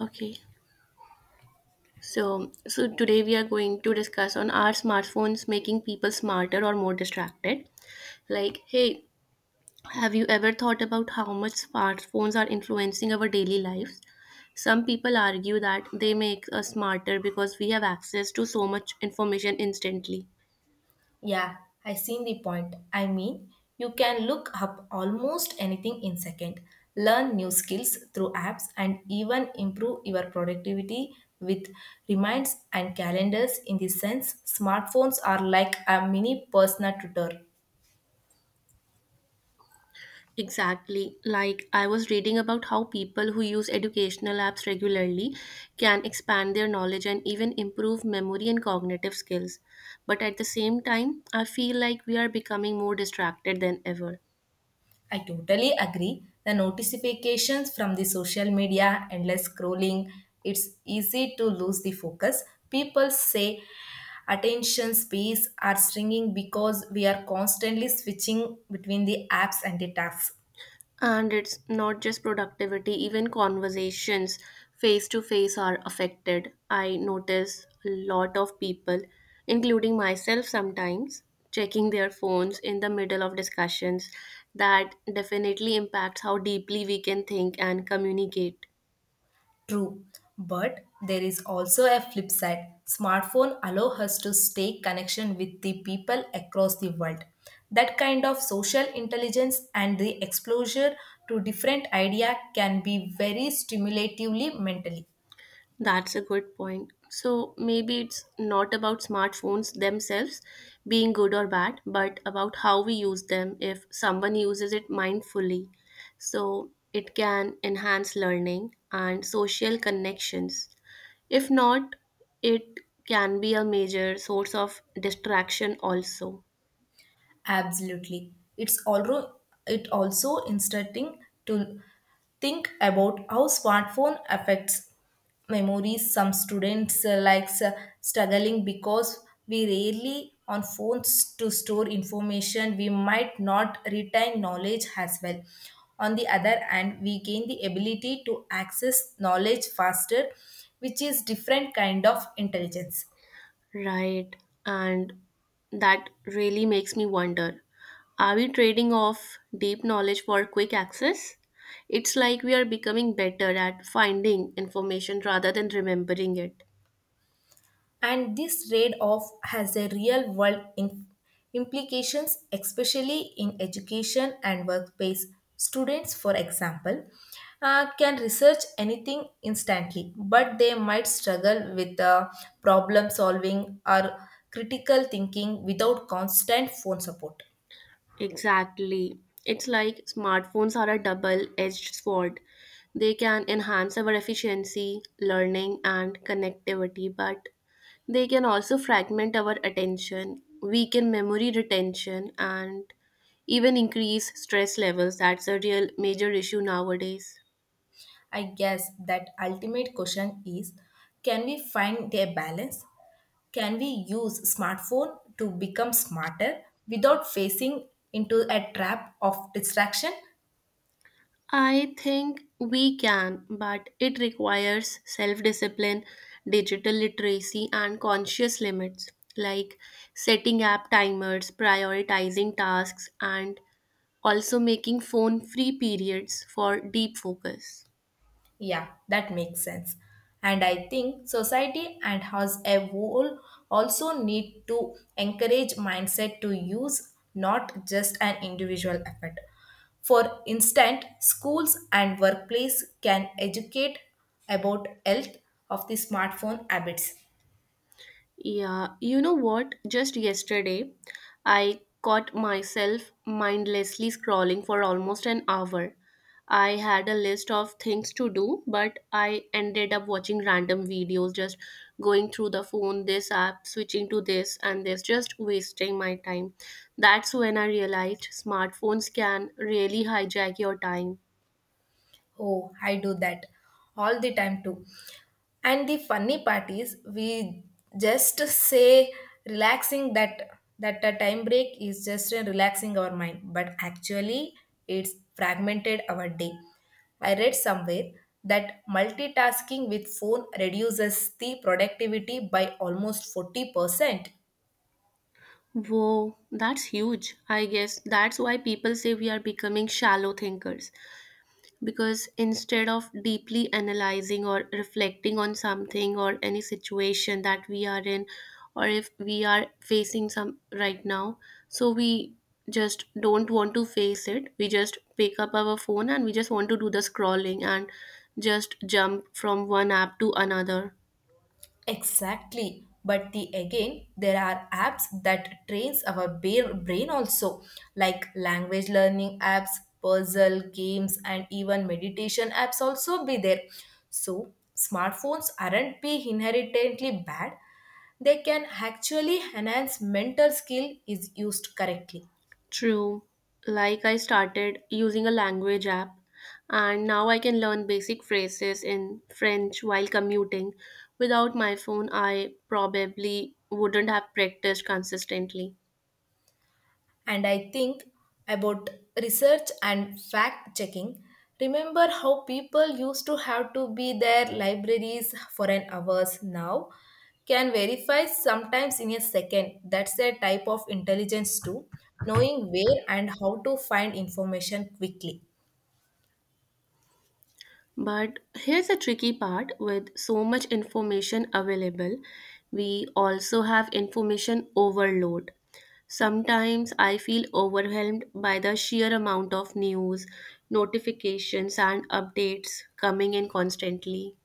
Okay. So today we are going to discuss on are smartphones making people smarter or more distracted? Like, hey, have you ever thought about how much smartphones are influencing our daily lives? Some people argue that they make us smarter because we have access to so much information instantly. Yeah, I seen the point. You can look up almost anything in second, learn new skills through apps and even improve your productivity with reminds and calendars in the sense smartphones are like a mini personal tutor. Exactly. Like I was reading about how people who use educational apps regularly can expand their knowledge and even improve memory and cognitive skills. But at the same time, I feel like we are becoming more distracted than ever. I totally agree. The notifications from the social media, endless scrolling, it's easy to lose the focus. People say attention spans are shrinking because we are constantly switching between the apps and the tasks. And it's not just productivity, even conversations face to face are affected. I notice a lot of people, including myself sometimes, checking their phones in the middle of discussions. That definitely impacts how deeply we can think and communicate. True, but there is also a flip side. Smartphone allow us to stay connection with the people across the world. That kind of social intelligence and the exposure to different idea can be very stimulatively mentally. That's a good point. So maybe it's not about smartphones themselves being good or bad, but about how we use them if someone uses it mindfully. So it can enhance learning and social connections. If not, it can be a major source of distraction also. Absolutely. It's also interesting to think about how smartphone affects memories. Some students likes struggling because we rarely on phones to store information. We might not retain knowledge as well. On the other hand, we gain the ability to access knowledge faster, which is different kind of intelligence. Right. And that really makes me wonder, are we trading off deep knowledge for quick access? It's like we are becoming better at finding information rather than remembering it. And this trade-off has a implications, especially in education and workplace. Students, for example, can research anything instantly, but they might struggle with problem solving or critical thinking without constant phone support. Exactly. It's like smartphones are a double edged sword. They can enhance our efficiency, learning, and connectivity, but they can also fragment our attention, weaken memory retention, and even increase stress levels. That's a real major issue nowadays. I guess that ultimate question is, can we find a balance? Can we use smartphone to become smarter without facing into a trap of distraction? I think we can, but it requires self discipline, digital literacy, and conscious limits like setting app timers, prioritizing tasks, and also making phone free periods for deep focus. Yeah, that makes sense. And I think society and us a whole also need to encourage mindset to use, not just an individual effort. For instance, schools and workplace can educate about health of the smartphone habits. Yeah, you know what? Just yesterday, I caught myself mindlessly scrolling for almost an hour. I had a list of things to do, but I ended up watching random videos, just going through the phone, this app, switching to this and this, just wasting my time. That's when I realized smartphones can really hijack your time. Oh, I do that all the time too. And the funny part is, we just say relaxing that a time break is just a relaxing our mind, but actually it's fragmented our day. I read somewhere that multitasking with phone reduces the productivity by almost 40%. Whoa, that's huge. I guess that's why people say we are becoming shallow thinkers, because instead of deeply analyzing or reflecting on something or any situation that we are in or if we are facing some right now, so we just don't want to face it, we just pick up our phone and we just want to do the scrolling and just jump from one app to another. Exactly. But the again, there are apps that trains our brain also, like language learning apps, puzzle games, and even meditation apps also be there. So smartphones aren't be inherently bad. They can actually enhance mental skill is used correctly. True. Like I started using a language app and now I can learn basic phrases in French while commuting. Without my phone, I probably wouldn't have practiced consistently. And I think about research and fact checking. Remember how people used to have to be their libraries for an hours now can verify sometimes in a second. That's a type of intelligence too, knowing where and how to find information quickly. But here's a tricky part, with so much information available, we also have information overload. Sometimes I feel overwhelmed by the sheer amount of news, notifications, and updates coming in constantly.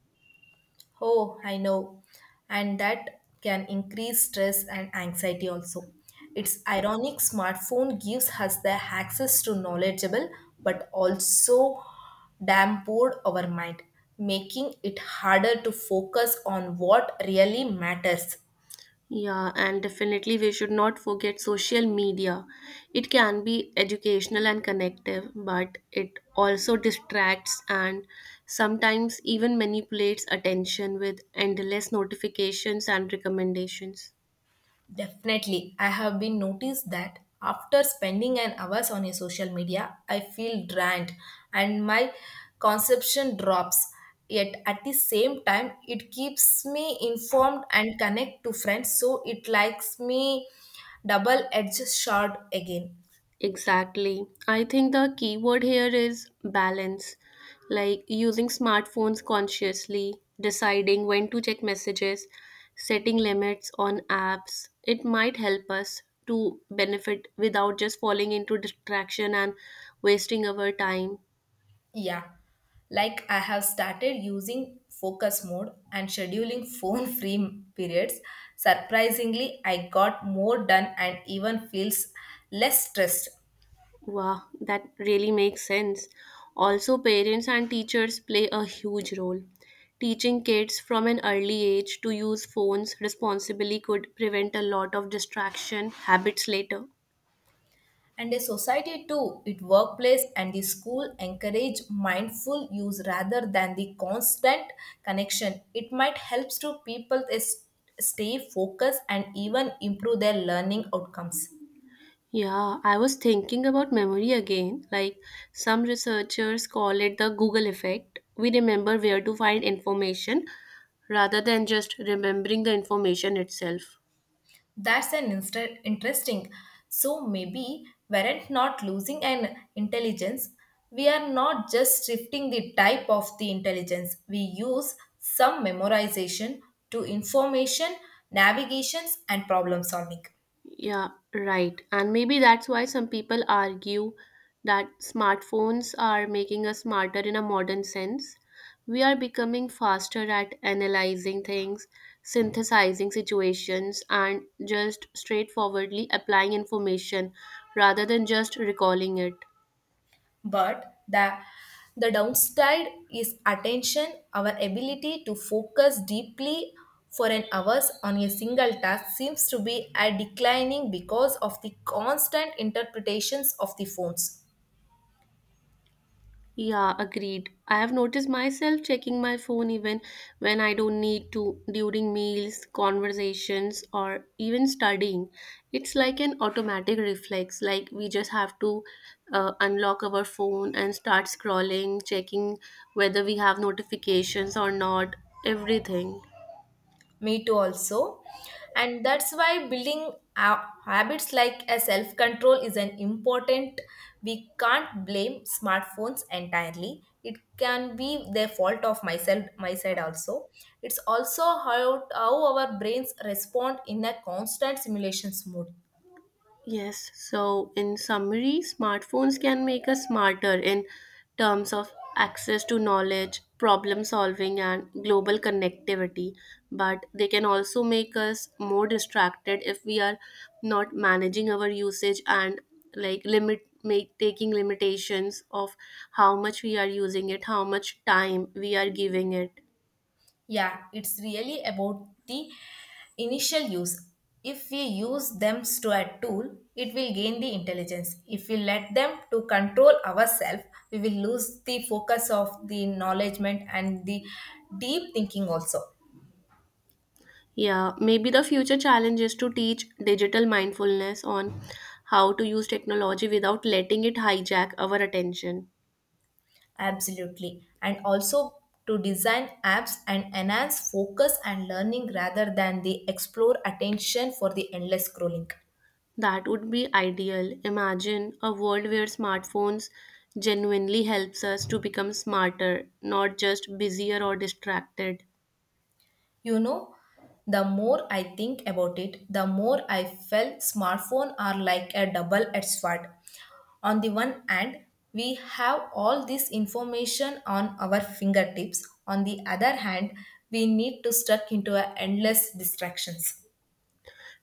Oh, I know. And that can increase stress and anxiety also. It's ironic smartphone gives us the access to knowledgeable but also damn poor our mind, making it harder to focus on what really matters. Yeah, and definitely we should not forget social media. It can be educational and connective, but it also distracts and sometimes even manipulates attention with endless notifications and recommendations. Definitely. I have been noticed that after spending an hours on a social media, I feel drained and my conception drops. Yet at the same time, it keeps me informed and connect to friends. So it likes me double-edged sword again. Exactly. I think the key word here is balance, like using smartphones consciously, deciding when to check messages, setting limits on apps. It might help us to benefit without just falling into distraction and wasting our time. Yeah. Like I have started using focus mode and scheduling phone free periods. Surprisingly, I got more done and even feels less stressed. Wow, that really makes sense. Also, parents and teachers play a huge role. Teaching kids from an early age to use phones responsibly could prevent a lot of distraction habits later. And a society too, it workplace and the school encourage mindful use rather than the constant connection, it might helps to stay focused and even improve their learning outcomes. Yeah, I was thinking about memory again. Like some researchers call it the Google effect. We remember where to find information rather than just remembering the information itself. Interesting. So maybe we're not losing an intelligence, we are not just shifting the type of the intelligence we use, some memorization to information navigations and problem solving. Yeah, right. And maybe that's why some people argue that smartphones are making us smarter in a modern sense. We are becoming faster at analyzing things, synthesizing situations, and just straightforwardly applying information rather than just recalling it. But the downside is attention, our ability to focus deeply for an hours on a single task seems to be a declining because of the constant interpretations of the phones. Yeah, agreed. I have noticed myself checking my phone even when I don't need to during meals, conversations, or even studying. It's like an automatic reflex, like we just have to unlock our phone and start scrolling, checking whether we have notifications or not, everything. Me too, also. And that's why building habits like a self control is an important. We can't blame smartphones entirely. It can be the fault of myself, my side also. It's also how our brains respond in a constant simulation mode. Yes, so in summary, smartphones can make us smarter in terms of access to knowledge, problem solving, and global connectivity. But they can also make us more distracted if we are not managing our usage and like limit make taking limitations of how much we are using it, how much time we are giving it. Yeah, it's really about the initial use. If we use to a tool, it will gain the intelligence. If we let them to control ourselves, we will lose the focus of the knowledgement and the deep thinking also. Yeah, maybe the future challenge is to teach digital mindfulness on how to use technology without letting it hijack our attention. Absolutely. And also to design apps and enhance focus and learning rather than the explore attention for the endless scrolling. That would be ideal. Imagine a world where smartphones genuinely helps us to become smarter, not just busier or distracted. You know, the more I think about it, the more I felt smartphone are like a double-edged sword. On the one hand, we have all this information on our fingertips. On the other hand, we need to stuck into a endless distractions.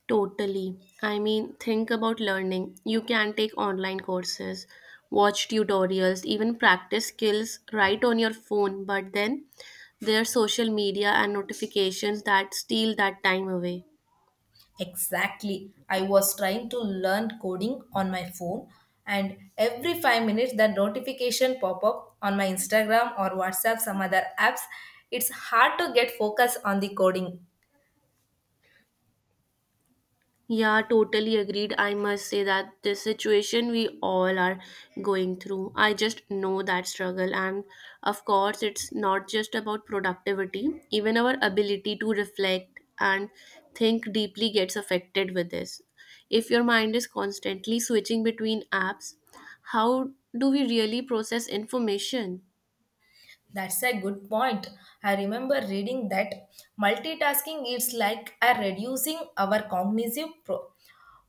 Totally. I mean, think about learning. You can take online courses, watch tutorials, even practice skills right on your phone, but then there are social media and notifications that steal that time away. Exactly. I was trying to learn coding on my phone, and every 5 minutes, the notification pop up on my Instagram or WhatsApp, some other apps. It's hard to get focus on the coding. Yeah, totally agreed. I must say that the situation we all are going through, I just know that struggle. And of course, it's not just about productivity, even our ability to reflect and think deeply gets affected with this. If your mind is constantly switching between apps, how do we really process information? That's a good point. I remember reading that multitasking is like a reducing our cognitive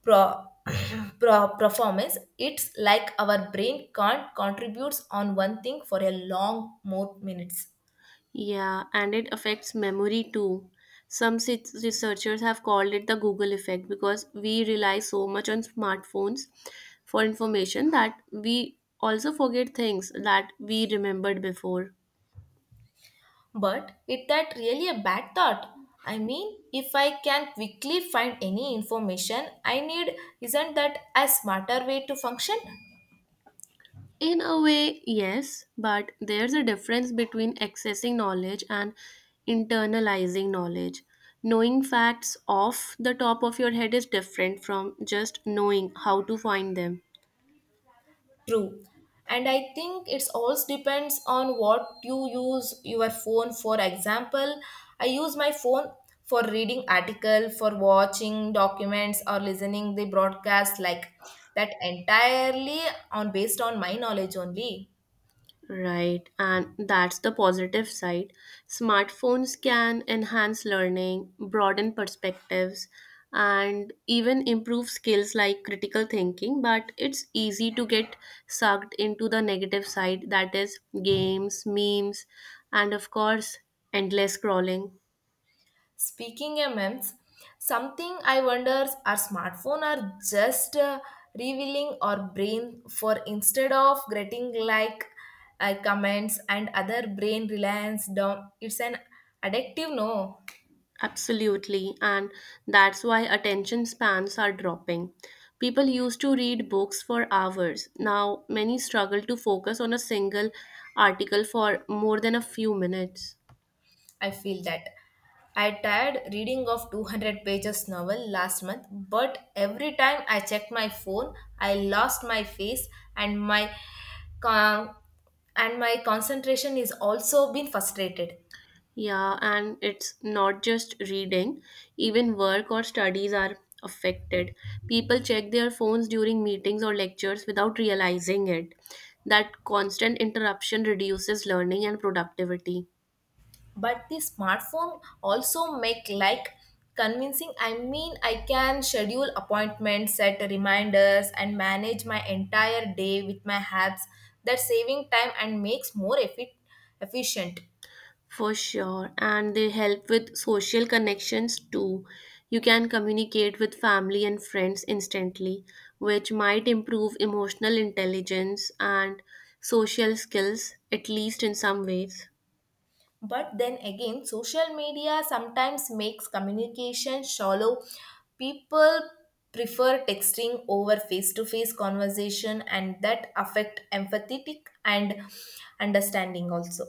pro- performance. It's like our brain can't contribute on one thing for a long more minutes. Yeah, and it affects memory too. Researchers have called it the Google effect because we rely so much on smartphones for information that we also forget things that we remembered before. But is that really a bad thought? I mean, if I can quickly find any information I need, isn't that a smarter way to function? In a way, yes, but there's a difference between accessing knowledge and internalizing knowledge. Knowing facts off the top of your head is different from just knowing how to find them. True. And I think it's also depends on what you use your phone for example. I use my phone for reading article, for watching documents or listening the broadcast like that entirely on based on my knowledge only. Right, and that's the positive side. Smartphones can enhance learning, broaden perspectives, and even improve skills like critical thinking, but it's easy to get sucked into the negative side, that is, games, memes, and of course, endless scrolling. Speaking of memes, something I wonder our smartphone are just revealing our brain for instead of getting like comments and other brain reliance down. It's an addictive no. Absolutely, and that's why attention spans are dropping. People used to read books for hours. Now, many struggle to focus on a single article for more than a few minutes. I feel that. I tried reading of 200 pages novel last month, but every time I checked my phone, I lost my face and con- and my concentration is also been frustrated. Yeah, and it's not just reading, even work or studies are affected. People check their phones during meetings or lectures without realizing it. That constant interruption reduces learning and productivity. But the smartphone also make like convincing. I mean, I can schedule appointments, set reminders and manage my entire day with my apps that saving time and makes efficient. For sure. And they help with social connections too. You can communicate with family and friends instantly, which might improve emotional intelligence and social skills, at least in some ways. But then again, social media sometimes makes communication shallow. People prefer texting over face to face conversation, and that affect empathetic and understanding also.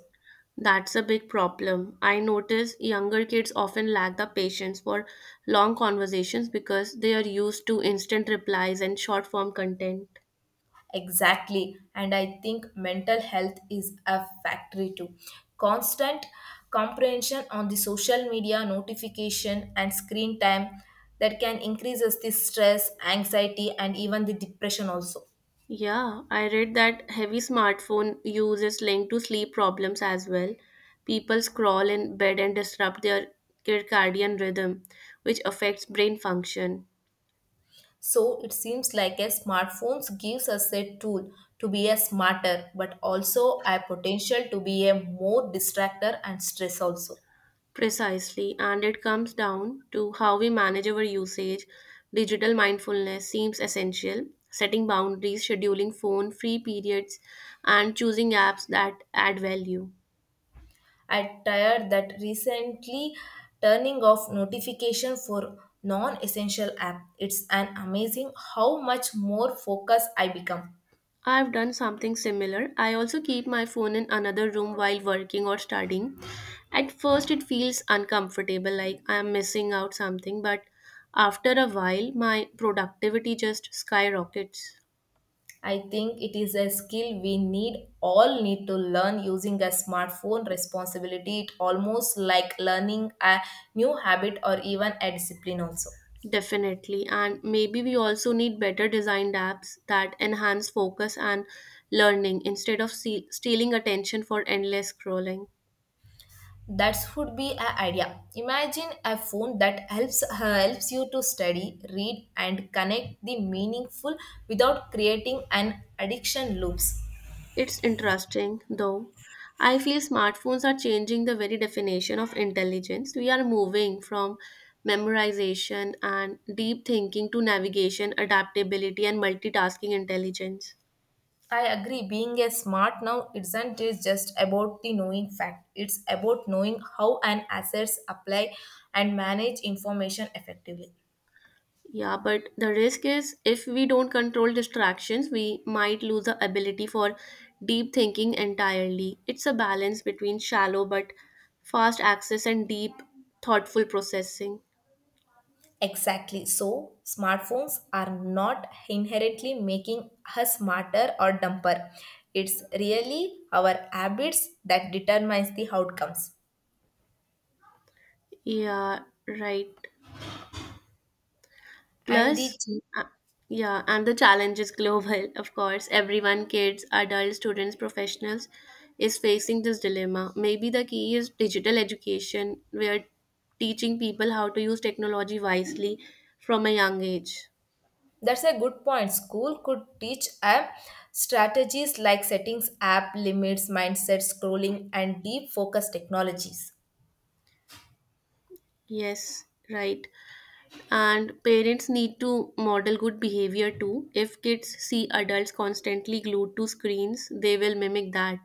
That's a big problem. I notice younger kids often lack the patience for long conversations because they are used to instant replies and short form content. Exactly. And I think mental health is a factory too. Constant comprehension on the social media notification and screen time, that can increases the stress, anxiety, and even the depression also. Yeah, I read that heavy smartphone use is linked to sleep problems as well. People scroll in bed and disrupt their circadian rhythm, which affects brain function. So it seems like a smartphones gives us a tool to be a smarter, but also a potential to be a more distractor and stress also. Precisely, and it comes down to how we manage our usage. Digital mindfulness seems essential. Setting boundaries, scheduling phone free periods, and choosing apps that add value. I tired that recently, turning off notification for non-essential app. It's an amazing how much more focused I become. I've done something similar. I also keep my phone in another room while working or studying. At first, it feels uncomfortable, like I'm missing out something, but after a while, my productivity just skyrockets. I think it is a skill we need all need to learn using a smartphone responsibility. It almost like learning a new habit or even a discipline also. Definitely. And maybe we also need better designed apps that enhance focus and learning instead of stealing attention for endless scrolling. That would be an idea. Imagine a phone that helps you to study, read, and connect the meaningful without creating an addiction loops. It's interesting, though. I feel smartphones are changing the very definition of intelligence. We are moving from memorization and deep thinking to navigation, adaptability, and multitasking intelligence. I agree. Being a smart now isn't it just about the knowing fact. It's about knowing how an assets apply and manage information effectively. Yeah, but the risk is if we don't control distractions, we might lose the ability for deep thinking entirely. It's a balance between shallow but fast access and deep, thoughtful processing. Exactly. So, smartphones are not inherently making us smarter or dumber. It's really our habits that determines the outcomes. Yeah, right. And Plus, uh, yeah, and the challenge is global, of course. Everyone, kids, adults, students, professionals, is facing this dilemma. Maybe the key is digital education, where teaching people how to use technology wisely from a young age. that's a good point. School could teach a strategies like settings, app limits, mindset, scrolling, and deep focus technologies. Yes, right. And parents need to model good behavior too. If kids see adults constantly glued to screens, they will mimic that.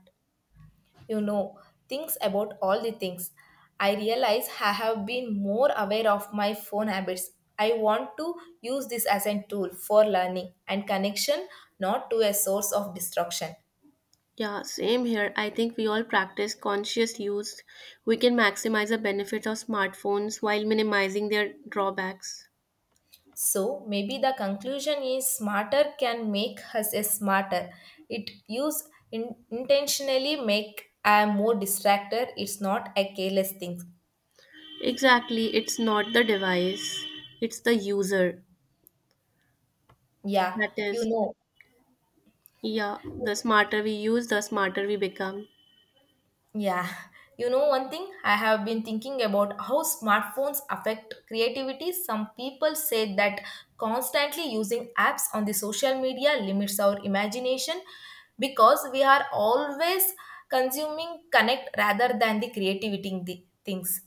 You know, things about all the things. I realize I have been more aware of my phone habits. I want to use this as a tool for learning and connection, not to a source of destruction. Yeah, same here. I think we all practice conscious use. We can maximize the benefits of smartphones while minimizing their drawbacks. So maybe the conclusion is smarter can make us a smarter. It use intentionally make a more distracted. It's not a careless thing. Exactly, it's not the device, it's the user. Yeah, That you is, know yeah, the smarter we use, the smarter we become. Yeah, you know, one thing I have been thinking about how smartphones affect creativity. Some people say that constantly using apps on the social media limits our imagination because we are always consuming connect rather than the creativity in the things.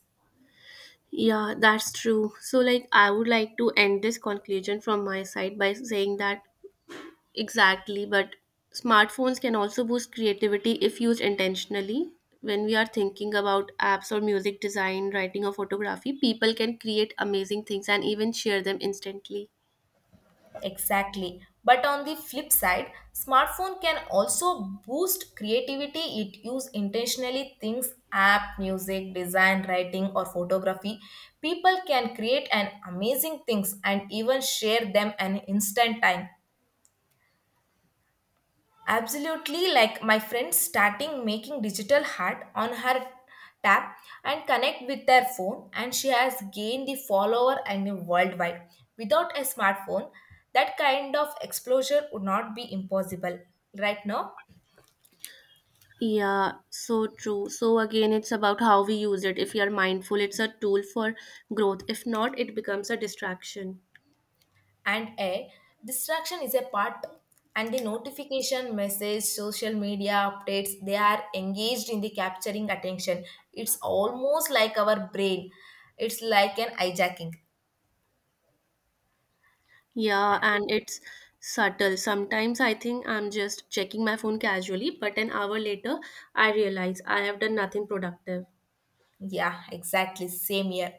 Yeah, that's true. So, like, I would like to end this conclusion from my side by saying that. Exactly, but smartphones can also boost creativity if used intentionally. When we are thinking about apps or music design, writing, or photography, people can create amazing things and even share them instantly. Exactly. But on the flip side, smartphone can also boost creativity. It use intentionally things app, music, design, writing or photography. People can create an amazing things and even share them an instant time. Absolutely, like my friend starting making digital art on her tap and connect with their phone, and she has gained the follower and worldwide. Without a smartphone, that kind of exposure would not be impossible right now. Yeah, so true. So again, it's about how we use it. If we are mindful, it's a tool for growth. If not, it becomes a distraction. And a distraction is a part, and the notification, message, social media updates, they are engaged in the capturing attention. It's almost like our brain. It's like an hijacking. Yeah, and it's subtle. Sometimes I think I'm just checking my phone casually, but an hour later, I realize I have done nothing productive. Yeah, exactly. Same here.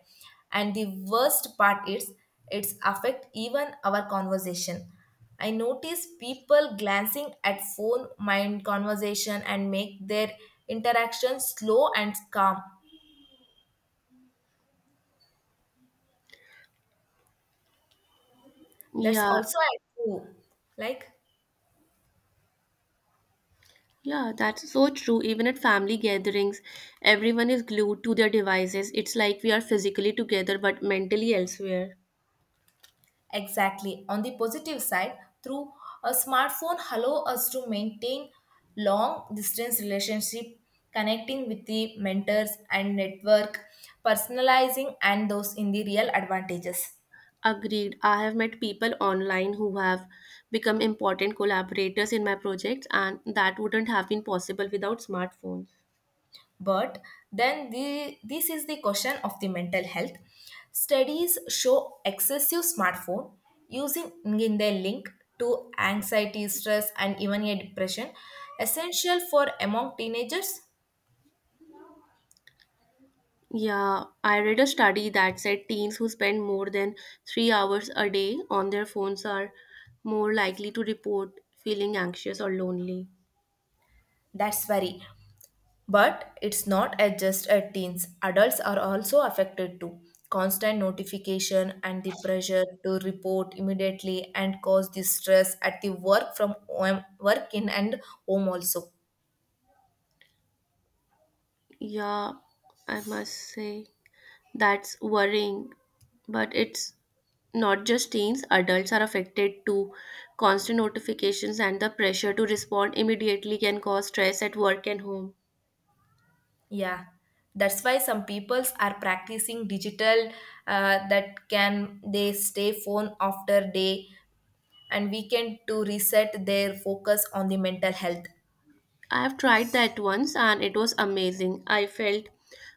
And the worst part is it's affect even our conversation. I notice people glancing at phone mind conversation and make their interaction slow and calm. That's Yeah, also true. Like yeah, that's so true. Even at family gatherings, everyone is glued to their devices. It's like we are physically together but mentally elsewhere. exactly. On the positive side, through a smartphone allow us to maintain long distance relationship, connecting with the mentors and network, personalizing and those in the real advantages. Agreed. I have met people online who have become important collaborators in my projects, and that wouldn't have been possible without smartphones. But then the this is the question of the mental health. Studies show excessive smartphone using in their link to anxiety, stress, and even a depression, essential for among teenagers. Yeah, I read a study that said teens who spend more than 3 hours a day on their phones are more likely to report feeling anxious or lonely. That's very. But it's not at just at teens. Adults are also affected too. Constant notification and the pressure to report immediately and cause the stress at the work from home, work in and home also. Yeah, I must say. That's worrying, but it's not just teens, adults are affected too. Constant notifications and the pressure to respond immediately can cause stress at work and home. Yeah, that's why some peoples are practicing digital that can they stay phone after day and weekend to reset their focus on the mental health. I have tried that once and it was amazing. I felt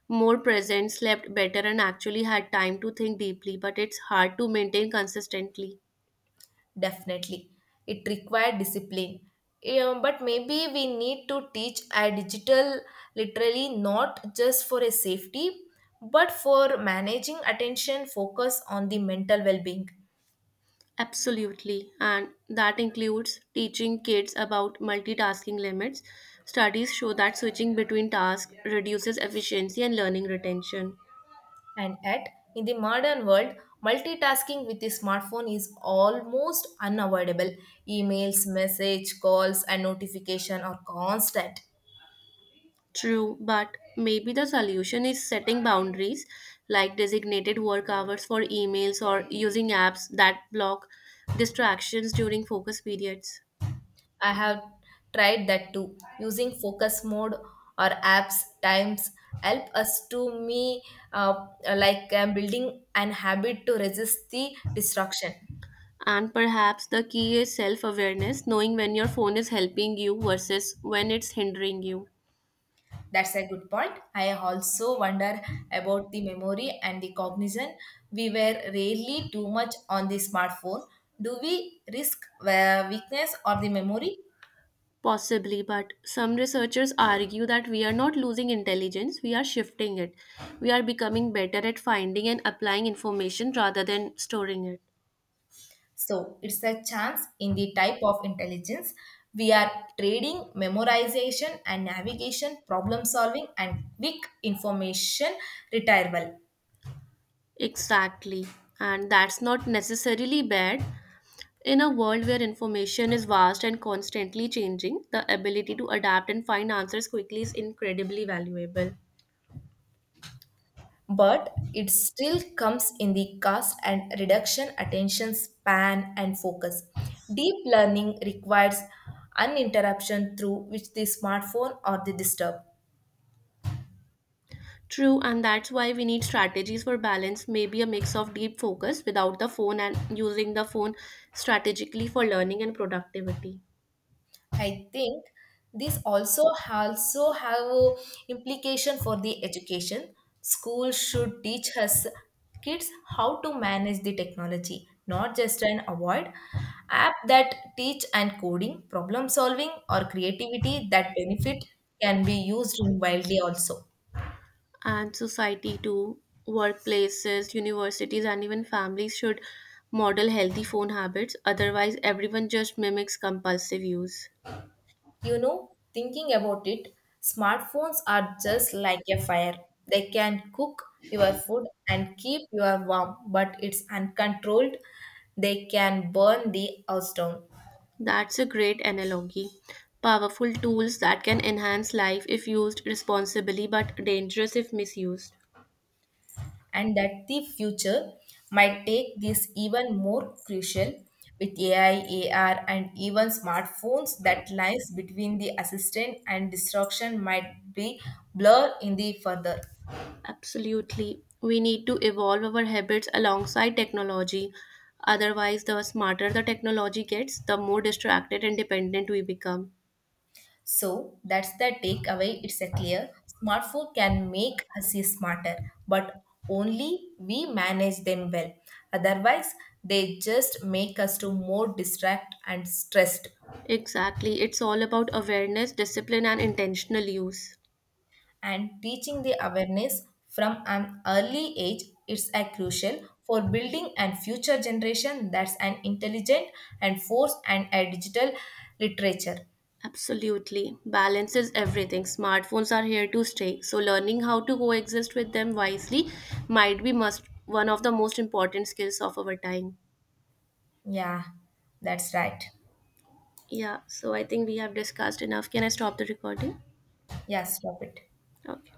more present, slept better, and actually had time to think deeply, but it's hard to maintain consistently. Definitely. It required discipline. Yeah, but maybe we need to teach a digital literally, not just for a safety, but for managing attention, focus on the mental well-being. Absolutely, and that includes teaching kids about multitasking limits. Studies show that switching between tasks reduces efficiency and learning retention. And yet, in the modern world, multitasking with the smartphone is almost unavoidable. Emails, message, calls, and notification are constant. True, but maybe the solution is setting boundaries like designated work hours for emails or using apps that block distractions during focus periods. I have tried that too. Using focus mode or apps times help us to me, uh, like I'm building an habit to resist the distraction. And perhaps the key is self awareness, knowing when your phone is helping you versus when it's hindering you. That's a good point. I also wonder about the memory and the cognition. We were rarely too much on the smartphone. Do we risk weakness or the memory? Possibly, but some researchers argue that we are not losing intelligence, we are shifting it. We are becoming better at finding and applying information rather than storing it. So it's a chance in the type of intelligence. We are trading memorization and navigation, problem solving, and quick information retrieval. Exactly. And that's not necessarily bad. In a world where information is vast and constantly changing, the ability to adapt and find answers quickly is incredibly valuable. But it still comes in the cost and reduction, attention span, and focus. Deep learning requires uninterruption through which the smartphone or the disturb. True, and that's why we need strategies for balance, maybe a mix of deep focus without the phone and using the phone strategically for learning and productivity. I think this also have a implication for the education. School should teach us kids how to manage the technology, not just an avoid. App that teach and coding, problem solving, or creativity that benefit can be used in widely also. And society, too, workplaces, universities, and even families should model healthy phone habits, otherwise, everyone just mimics compulsive use. You know, thinking about it, smartphones are just like a fire. They can cook your food and keep you warm, but it's uncontrolled. They can burn the house down. That's a great analogy. Powerful tools that can enhance life if used responsibly, but dangerous if misused. And that the future might take this even more crucial with AI, AR, and even smartphones, that lines between the assistant and distraction might be blurred in the further. Absolutely. We need to evolve our habits alongside technology. Otherwise, the smarter the technology gets, the more distracted and dependent we become. So that's the takeaway. It's a clear smartphone can make us smarter, but only we manage them well. Otherwise, they just make us to more distract and stressed. Exactly. It's all about awareness, discipline, and intentional use. And teaching the awareness from an early age is a crucial for building and future generation that's an intelligent and force and a digital literature. Absolutely. Balance is everything. Smartphones are here to stay. So, learning how to coexist with them wisely might be must, one of the most important skills of our time. Yeah, that's right. Yeah. So, I think we have discussed enough. Can I stop the recording? Yeah, stop it. Okay.